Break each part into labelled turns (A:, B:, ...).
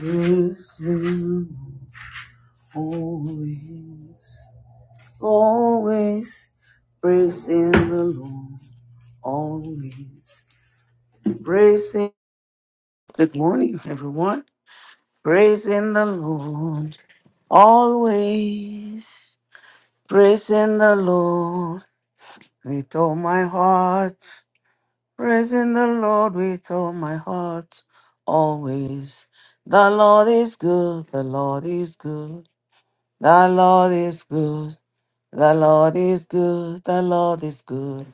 A: With you always, always praising the Lord, always praising. Good morning, everyone. Praising the Lord, always praising the Lord with all my heart. Praising the Lord with all my heart, always. The Lord is good, the Lord is good, the Lord is good. The Lord is good, the Lord is good,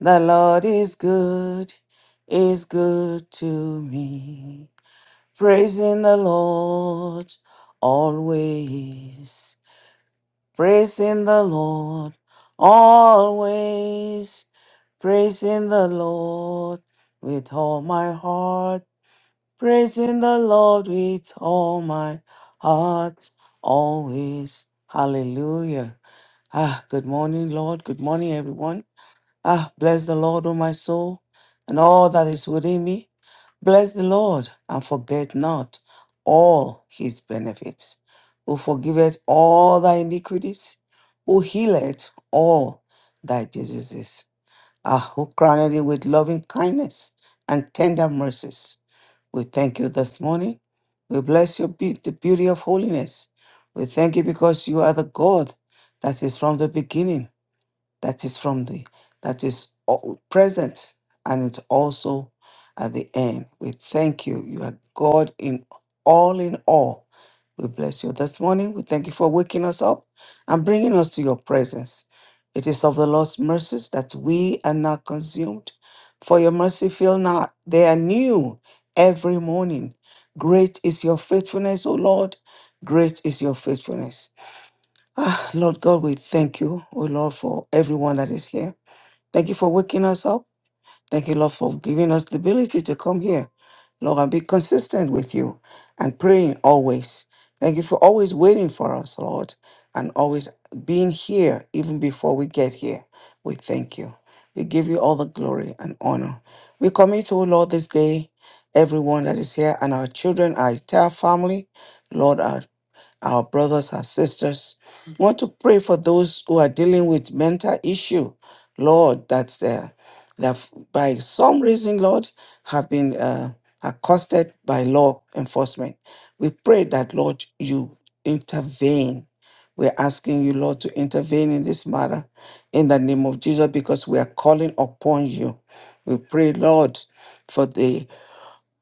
A: the Lord is good, is good to me. Praising the Lord always, praising the Lord always, praising the Lord with all my heart, praising the Lord with all my heart always. Hallelujah. Ah, good morning, Lord. Good morning, everyone. Ah, bless the Lord, O my soul, and all that is within me. Bless the Lord, and forget not all his benefits, who forgiveth all thy iniquities, who healeth all thy diseases. Ah, who crowned you with loving kindness and tender mercies. We thank you this morning. We bless your be- the beauty of holiness. We thank you because you are the God that is from the beginning that is from the that is all present and it's also at the end we thank you you are god in all in all we bless you this morning we thank you for waking us up and bringing us to your presence it is of the lord's mercies that we are not consumed for your mercy fail not they are new every morning great is your faithfulness o lord great is your faithfulness Ah, Lord God, we thank you, oh Lord, for everyone that is here. Thank you for waking us up. Thank you, Lord, for giving us the ability to come here, Lord, and be consistent with you and praying always. Thank you for always waiting for us, Lord, and always being here even before we get here. We thank you. We give you all the glory and honor. We commit, oh Lord, this day, everyone that is here and our children, our entire family, Lord, our brothers and sisters. We want to pray for those who are dealing with mental issue, Lord, that uh, that f- by some reason, Lord, have been uh, accosted by law enforcement. We pray that, Lord, you intervene. We're asking you, Lord, to intervene in this matter in the name of Jesus because we are calling upon you. We pray, Lord, for the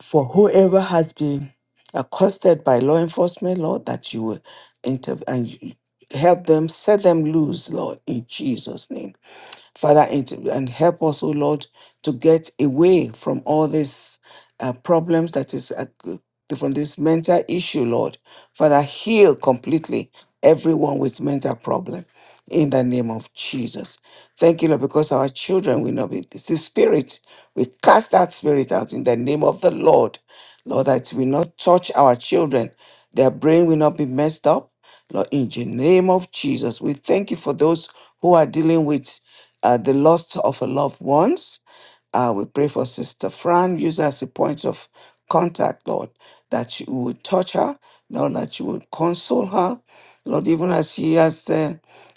A: for whoever has been accosted by law enforcement, Lord, that you will intervene and you- help them, set them loose, Lord, in Jesus' name. Father, and, and help us, O Lord, to get away from all these uh, problems that is uh, from this mental issue, Lord. Father, heal completely everyone with mental problem in the name of Jesus. Thank you, Lord, because our children will not be it's the spirit. We cast that spirit out in the name of the Lord. Lord, that will not touch our children. Their brain will not be messed up. Lord, in the name of Jesus, we thank you for those who are dealing with uh, the loss of a loved ones. Uh, we pray for Sister Fran, use her as a point of contact, Lord, that you would touch her, Lord, that you would console her, Lord, even as she has uh,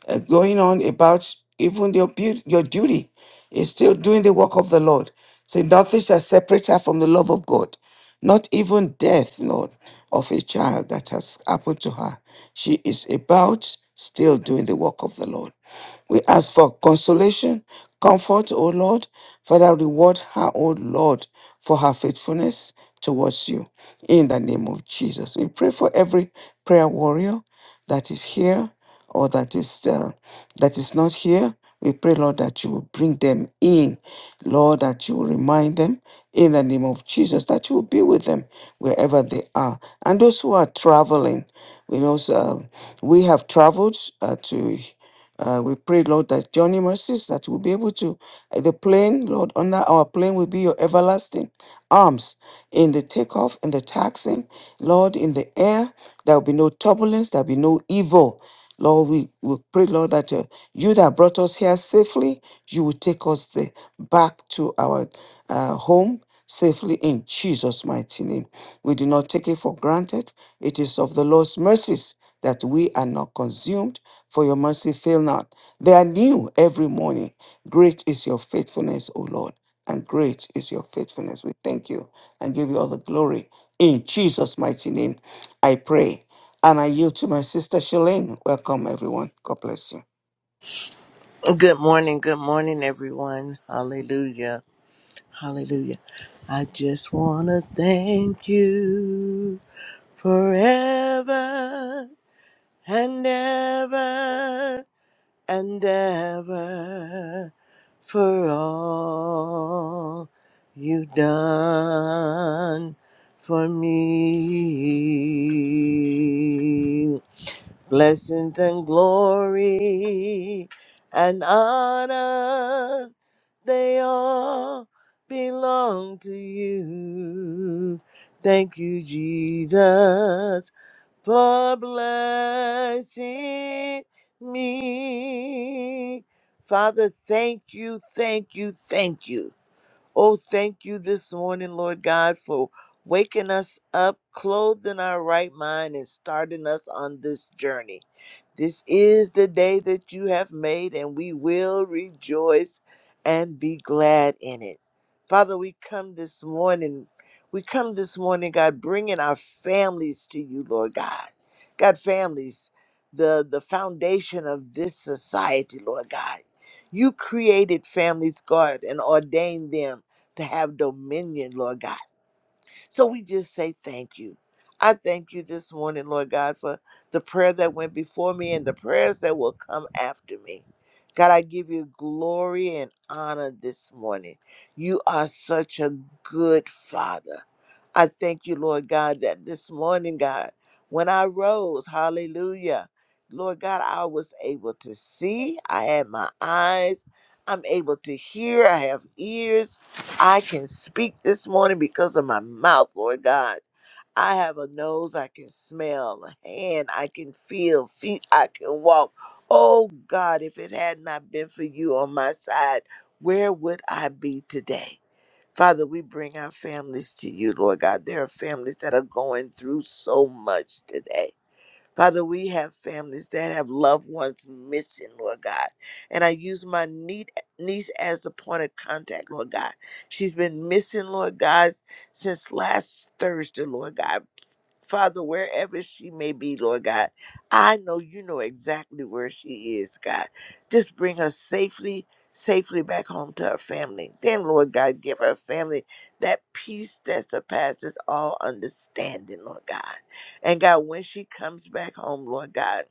A: uh, going on about even your beauty, your duty is still doing the work of the Lord. Say nothing shall separate her from the love of God not even death, Lord, of a child that has happened to her. She is about still doing the work of the Lord. We ask for consolation, comfort, O Lord. Father, reward her, O Lord, for her faithfulness towards you. In the name of Jesus. We pray for every prayer warrior that is here or that is uh, that is not here. We pray, Lord, that you will bring them in, Lord, that you will remind them in the name of Jesus, that you will be with them wherever they are. And those who are traveling, we know uh, we have traveled uh, to. Uh, we pray, Lord, that journey mercies that we'll be able to uh, the plane, Lord, under our plane will be your everlasting arms in the takeoff and the taxing, Lord, in the air. There will be no turbulence. There will be no evil. Lord, we, we pray, Lord, that uh, you that brought us here safely, you will take us there back to our uh, home safely in Jesus' mighty name. We do not take it for granted. It is of the Lord's mercies that we are not consumed, for your mercy fail not. They are new every morning. Great is your faithfulness, O Lord, and great is your faithfulness. We thank you and give you all the glory. In Jesus' mighty name, I pray. And I yield to my sister Shalane. Welcome, everyone. God bless you.
B: Oh, Good morning, good morning, everyone. Hallelujah, hallelujah. I just want to thank you forever and ever and ever for all you've done for me. Blessings and glory and honor, they all belong to you. Thank you, Jesus, for blessing me. Father, thank you, thank you, thank you. Oh, thank you this morning, Lord God, for waking us up, clothing our right mind, and starting us on this journey. This is the day that you have made, and we will rejoice and be glad in it. Father, we come this morning. We come this morning, God, bringing our families to you, Lord God. God, families, the, the foundation of this society, Lord God. You created families, God, and ordained them to have dominion, Lord God. So we just say thank you. I thank you this morning, Lord God, for the prayer that went before me and the prayers that will come after me. God, I give you glory and honor this morning. You are such a good Father. I thank you, Lord God, that this morning, God, when I rose, hallelujah, Lord God, I was able to see. I had my eyes. I'm able to hear. I have ears. I can speak this morning because of my mouth, Lord God. I have a nose. I can smell. A hand. I can feel. Feet. I can walk. Oh God, if it had not been for you on my side, where would I be today? Father, we bring our families to you, Lord God. There are families that are going through so much today. Father, we have families that have loved ones missing, Lord God. And I use my nie- niece as the point of contact, Lord God. She's been missing, Lord God, since last Thursday, Lord God. Father, wherever she may be, Lord God, I know you know exactly where she is, God. Just bring her safely, safely back home to her family. Then, Lord God, give her family that peace that surpasses all understanding, Lord God. And God, when she comes back home, Lord God,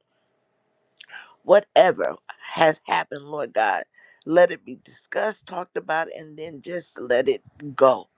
B: Whatever has happened, Lord God, let it be discussed, talked about, and then just let it go.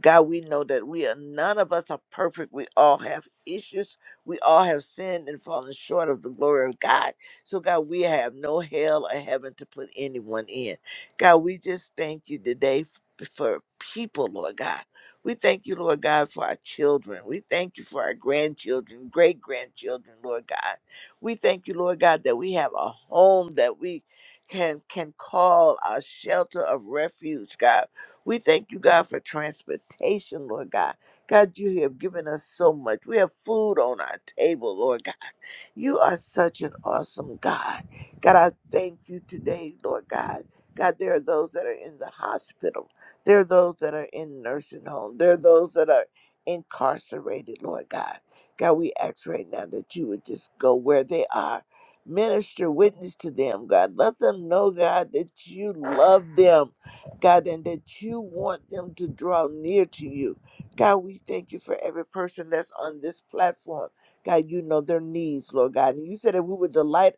B: God, we know that we are none of us are perfect. We all have issues. We all have sinned and fallen short of the glory of God. So, God, we have no hell or heaven to put anyone in. God, we just thank you today f- for people, Lord God. We thank you, Lord God, for our children. We thank you for our grandchildren, great grandchildren, Lord God. We thank you, Lord God, that we have a home that we can can call our shelter of refuge, God. We thank you, God, for transportation, Lord God. God, you have given us so much. We have food on our table, Lord God. You are such an awesome God. God, I thank you today, Lord God. God, there are those that are in the hospital. There are those that are in nursing home. There are those that are incarcerated, Lord God. God, we ask right now that you would just go where they are. Minister, witness to them, God. Let them know, God, that you love them, God, and that you want them to draw near to you. God, we thank you for every person that's on this platform. God, you know their needs, Lord God. And you said if we would delight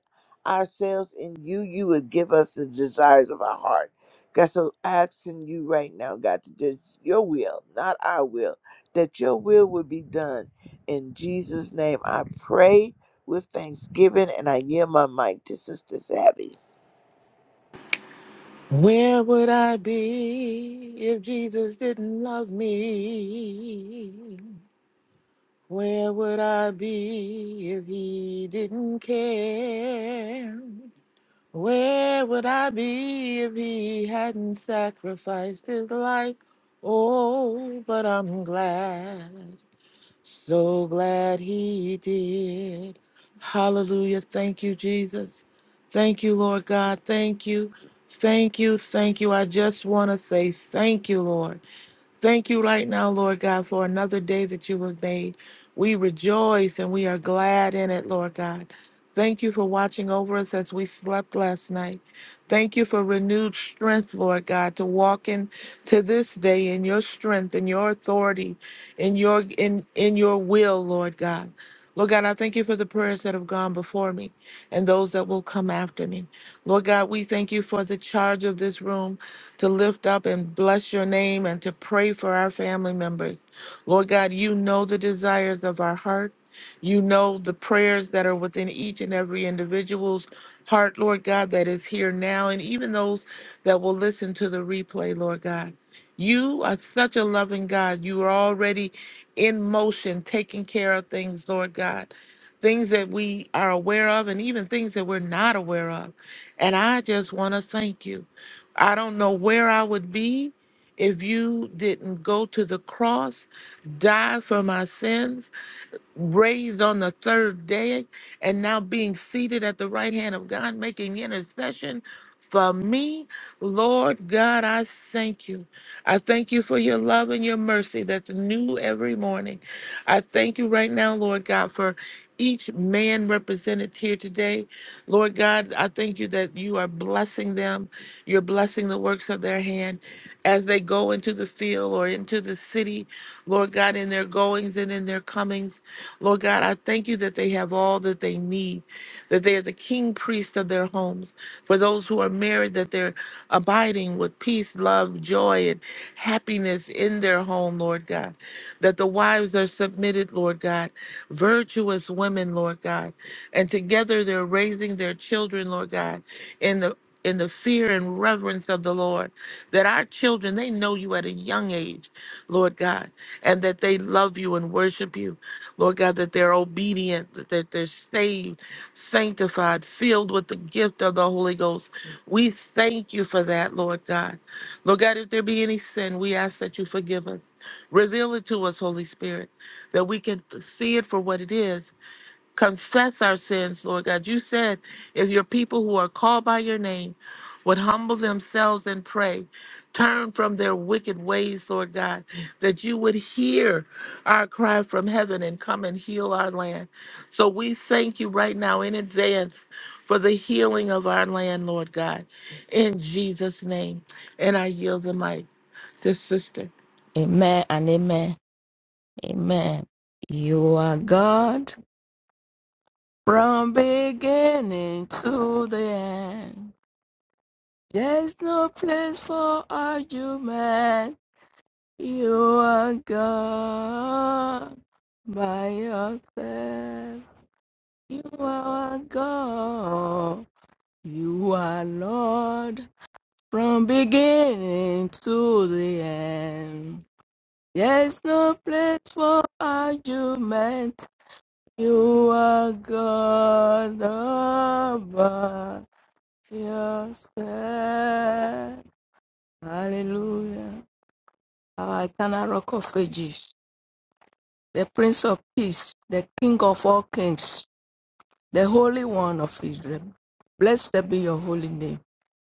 B: ourselves in you, you would give us the desires of our heart. God, so asking you right now, God, to do your will, not our will, that your will would be done in Jesus' name, I pray with thanksgiving and I yield my mic to Sister Savvy.
C: Where would I be if Jesus didn't love me? Where would I be if he didn't care? Where would I be if he hadn't sacrificed his life? Oh, but I'm glad. So glad he did. Hallelujah. Thank you, Jesus. Thank you, Lord God. Thank you. Thank you. Thank you. I just want to say thank you, Lord. Thank you right now, Lord God, for another day that you have made. We rejoice and we are glad in it, Lord God. Thank you for watching over us as we slept last night. Thank you for renewed strength, Lord God, to walk in to this day in your strength, in your authority, in your in in your will, Lord God. Lord God, I thank you for the prayers that have gone before me and those that will come after me. Lord God, we thank you for the charge of this room to lift up and bless your name and to pray for our family members. Lord God, you know the desires of our heart. You know the prayers that are within each and every individual's heart, Lord God, that is here now, and even those that will listen to the replay, Lord God. You are such a loving God. You are already in motion, taking care of things, Lord God. Things that we are aware of, and even things that we're not aware of. And I just want to thank you. I don't know where I would be if you didn't go to the cross, die for my sins, raised on the third day, and now being seated at the right hand of God, making intercession for me. Lord God, I thank you. I thank you for your love and your mercy that's new every morning. I thank you right now, Lord God, for each man represented here today. Lord God, I thank you that you are blessing them. You're blessing the works of their hand as they go into the field or into the city. Lord God, in their goings and in their comings. Lord God, I thank you that they have all that they need, that they are the king priest of their homes. For those who are married, that they're abiding with peace, love, joy, and happiness in their home, Lord God. That the wives are submitted, Lord God, virtuous women, Lord God. And together they're raising their children, Lord God, in the in the fear and reverence of the Lord, that our children, they know you at a young age, Lord God, and that they love you and worship you. Lord God, that they're obedient, that they're, they're saved, sanctified, filled with the gift of the Holy Ghost. We thank you for that, Lord God. Lord God, if there be any sin, we ask that you forgive us. Reveal it to us, Holy Spirit, that we can see it for what it is confess our sins, Lord God. You said if your people who are called by your name would humble themselves and pray, turn from their wicked ways, Lord God, that you would hear our cry from heaven and come and heal our land. So we thank you right now in advance for the healing of our land, Lord God, in Jesus' name. And I yield the mic to sister.
D: Amen and amen. Amen. You are God from beginning to the end. There's no place for argument. You are God by yourself. You are God. You are Lord from beginning to the end. There's no place for argument. You are God all by yourself. Hallelujah. Our eternal rock of ages, the Prince of Peace, the King of all kings, the Holy One of Israel. Blessed be your holy name.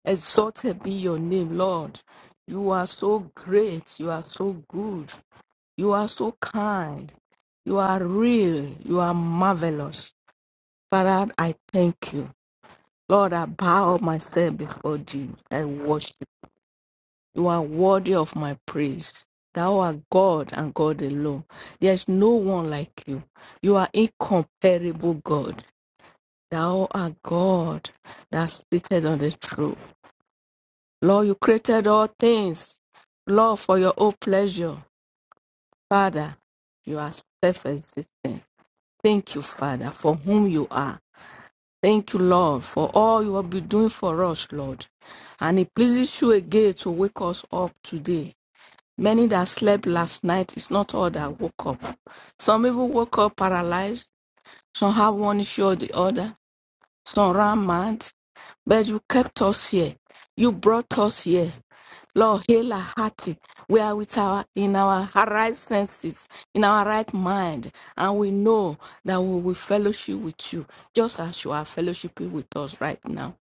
D: Exalted be your name, Lord. You are so great. You are so good. You are so kind. You are real. You are marvelous. Father, I thank you. Lord, I bow myself before thee. I worship. You are worthy of my praise. Thou art God and God alone. There is no one like you. You are incomparable God. Thou art God that's seated on the throne. Lord, you created all things. Lord, for your own pleasure. Father, you are self existent. Thank you, Father, for whom you are. Thank you, Lord, for all you have been doing for us, Lord. And it pleases you again to wake us up today. Many that slept last night is not all that woke up. Some people woke up paralyzed. Some have one issue or the other. It's not round mind, but you kept us here. You brought us here. Lord, heal our heart. We are with our in our right senses, in our right mind, and we know that we will fellowship with you, just as you are fellowshiping with us right now.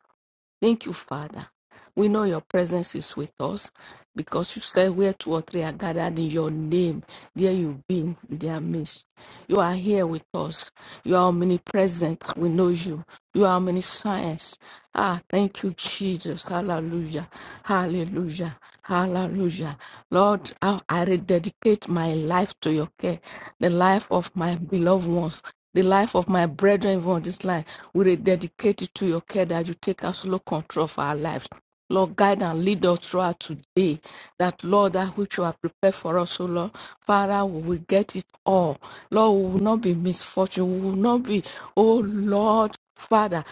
D: Thank you, Father. We know your presence is with us because you said where two or three are gathered in your name, there you've been in their midst. You are here with us. You are omnipresent. We know you. You are omniscience. Ah, thank you, Jesus. Hallelujah. Hallelujah. Hallelujah. Lord, I, I rededicate my life to your care, the life of my beloved ones. The life of my brethren even on this line, we rededicate it to your care that you take absolute control of our lives. Lord, guide and lead us throughout today. That, Lord, that which you have prepared for us, O Lord, Father, we will get it all. Lord, we will not be misfortune. We will not be, oh Lord, Father.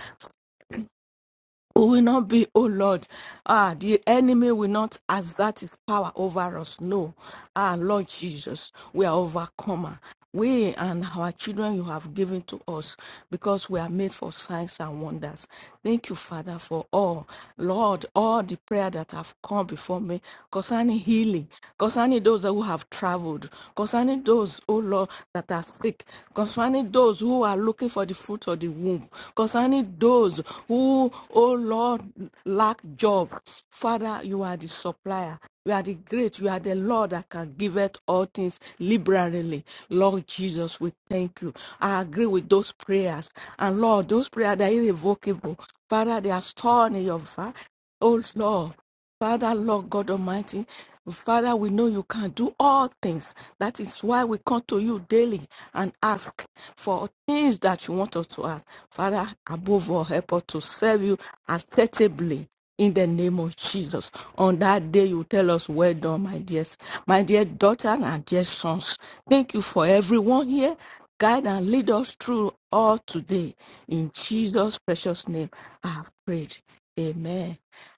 D: We will not be, oh Lord, ah, the enemy will not exert his power over us. No, ah, Lord Jesus, we are overcomer. We and our children you have given to us because we are made for signs and wonders. Thank you, Father, for all. Lord, all the prayer that have come before me concerning healing, concerning those who have traveled, concerning those O Lord, that are sick, concerning those who are looking for the fruit of the womb, concerning those who, O Lord, lack job. Father, you are the supplier. You are the great, you are the Lord that can give it all things liberally. Lord Jesus, we thank you. I agree with those prayers. And Lord, those prayers, they're irrevocable. Father, they are stored in your fire. Oh Lord, Father, Lord God Almighty, Father, we know you can do all things. That is why we come to you daily and ask for things that you want us to ask. Father, above all, help us to serve you acceptably. In the name of Jesus, on that day you tell us, "Well done, my dears, my dear daughter and our dear sons." Thank you for everyone here. Guide and lead us through all today. In Jesus' precious name, I have prayed. Amen.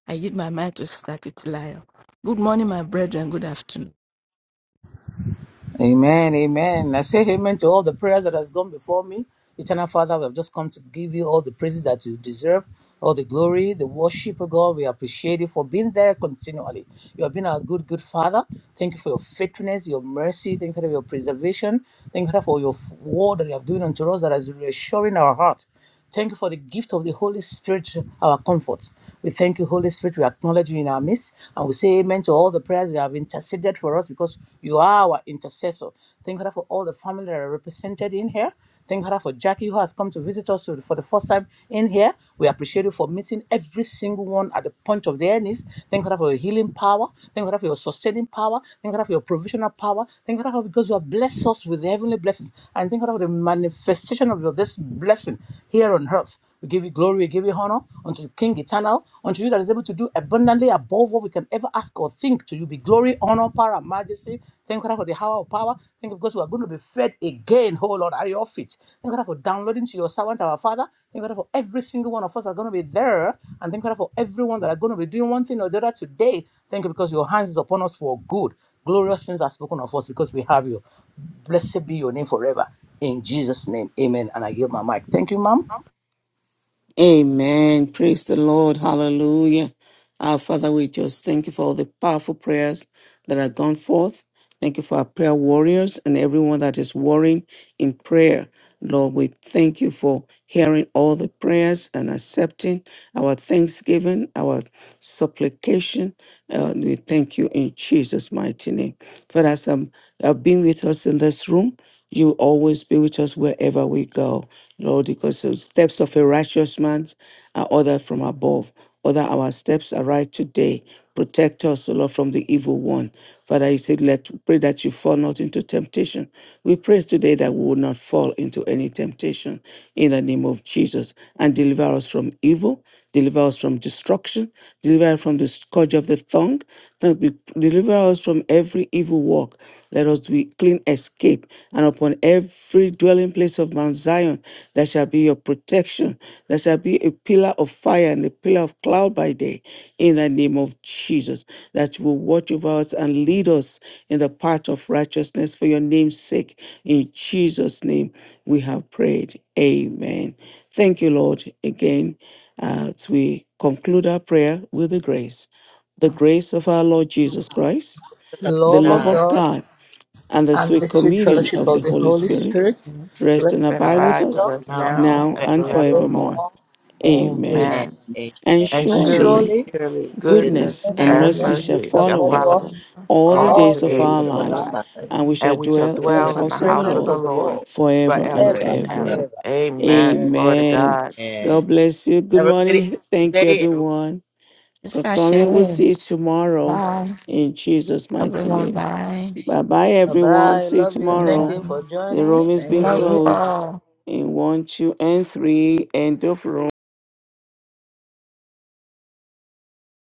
D: I give my mind to Sister Titilayo. Good morning, my brethren. Good afternoon.
E: Amen, amen. I say amen to all the prayers that has gone before me. Eternal Father, we have just come to give you all the praises that you deserve, all the glory, the worship of God. We appreciate you for being there continually. You have been our good, good Father. Thank you for your faithfulness, your mercy. Thank you for your preservation. Thank you for your word that you have given unto us that is reassuring our heart. Thank you for the gift of the Holy Spirit, our comfort. We thank you, Holy Spirit. We acknowledge you in our midst and we say amen to all the prayers that have interceded for us because you are our intercessor. Thank God for all the family that are represented in here. Thank God for Jackie who has come to visit us for the first time in here. We appreciate you for meeting every single one at the point of their needs. Thank God for your healing power. Thank God for your sustaining power. Thank God for your provisional power. Thank God for because you have blessed us with the heavenly blessings. And thank God for the manifestation of your this blessing here here on earth. We give you glory, we give you honor unto the King eternal, unto you that is able to do abundantly above what we can ever ask or think. To you be glory, honor, power, and majesty. Thank God for the hour of power. Thank you because we are going to be fed again, oh Lord, at your feet. Thank God for downloading to your servant, our Father. Thank God for every single one of us are going to be there. And thank God for everyone that are going to be doing one thing or the other today. Thank you because your hands is upon us for good. Glorious things are spoken of us because we have you. Blessed be your name forever. In Jesus' name, amen. And I give my mic. Thank you, ma'am.
A: Amen. Praise the Lord. Hallelujah. Our Father, we just thank you for all the powerful prayers that have gone forth. Thank you for our prayer warriors and everyone that is warring in prayer. Lord, we thank you for hearing all the prayers and accepting our thanksgiving, our supplication. Uh, we thank you in Jesus' mighty name. Father. as um, have been with us in this room, you always be with us wherever we go, Lord, because the steps of a righteous man are ordered from above. Order our steps are right today. Protect us, O Lord, from the evil one. Father, you said, let pray that you fall not into temptation. We pray today that we will not fall into any temptation. In the name of Jesus. Jesus, and deliver us from evil, deliver us from destruction, deliver us from the scourge of the tongue, that we- deliver us from every evil work. Let us be clean escape, and upon every dwelling place of Mount Zion, there shall be your protection. There shall be a pillar of fire and a pillar of cloud by day, in the name of Jesus, that you will watch over us and lead us in the path of righteousness for your name's sake. In Jesus' name, we have prayed. Amen. Thank you, Lord, again uh, as we conclude our prayer with the grace. The grace of our Lord Jesus Christ,
E: The
A: the
E: love
A: love
E: of
B: God,
A: of
E: God
A: God, and the
E: and
A: sweet
E: the sweet
A: communion
E: fellowship
A: of the
E: of the
A: Holy
E: Holy
A: Spirit
E: Spirit
A: rest
E: rest
A: and
C: That
E: and
A: abide
B: God
E: abide
A: with
C: abide
E: with
C: with
A: us
B: does
E: us
C: us
B: now
C: now
A: now
C: and
B: and
A: and
E: and
B: forever.
C: forevermore.
A: forevermore.
E: forevermore.
A: Amen.
B: And
C: Amen.
E: Amen.
A: And
B: amen.
C: And
E: And
C: surely.
A: surely.
E: surely
B: Surely, goodness
A: Goodness
C: goodness
E: goodness
B: and
A: and
B: mercy
E: and
C: and
A: mercy shall
E: mercy
C: mercy
E: shall
C: shall
A: follow
B: shall
E: follow
B: follow
A: us
C: follow
E: us
C: us
A: all the
B: all
C: all
E: all
C: the
A: days
B: the
E: the
A: of
C: days
A: our
C: of
B: days
E: days
B: of
E: of
C: our
B: our
E: our
A: lives,
C: lives,
A: and
E: lives,
B: lives.
A: we shall
C: and we
B: and We
C: shall
A: dwell
B: should
A: in the
E: dwell
B: dwell
E: in
C: dwell
E: the
C: in the
A: house of
B: in the
A: the
C: house
B: house of
C: of
E: presence
A: Lord
C: the
E: of the
B: the
C: Lord
B: Lord
E: Lord
A: forever and
B: ever
C: forever
B: and
E: forever
C: and
E: and
B: ever.
C: ever.
A: ever.
E: ever.
C: Amen.
E: Amen.
C: Glory to
A: Amen.
C: God.
B: Amen.
A: God bless you. Good
B: Have a good
A: morning. Thank you,
B: day, everyone.
A: everyone. For
D: Sister
A: coming, we'll
D: Shelley,
A: see you tomorrow
D: bye.
A: in Jesus' mighty
D: Everyone,
A: name.
D: bye.
A: Bye bye,
E: Bye
A: everyone.
E: bye. I
A: See you
E: love you. Thank
A: tomorrow.
E: you for
D: Amen.
A: The
E: joining.
A: room is
E: Thank
A: being
D: Love
E: you.
D: you
A: closed
D: all.
A: in one, two, and three. End of room.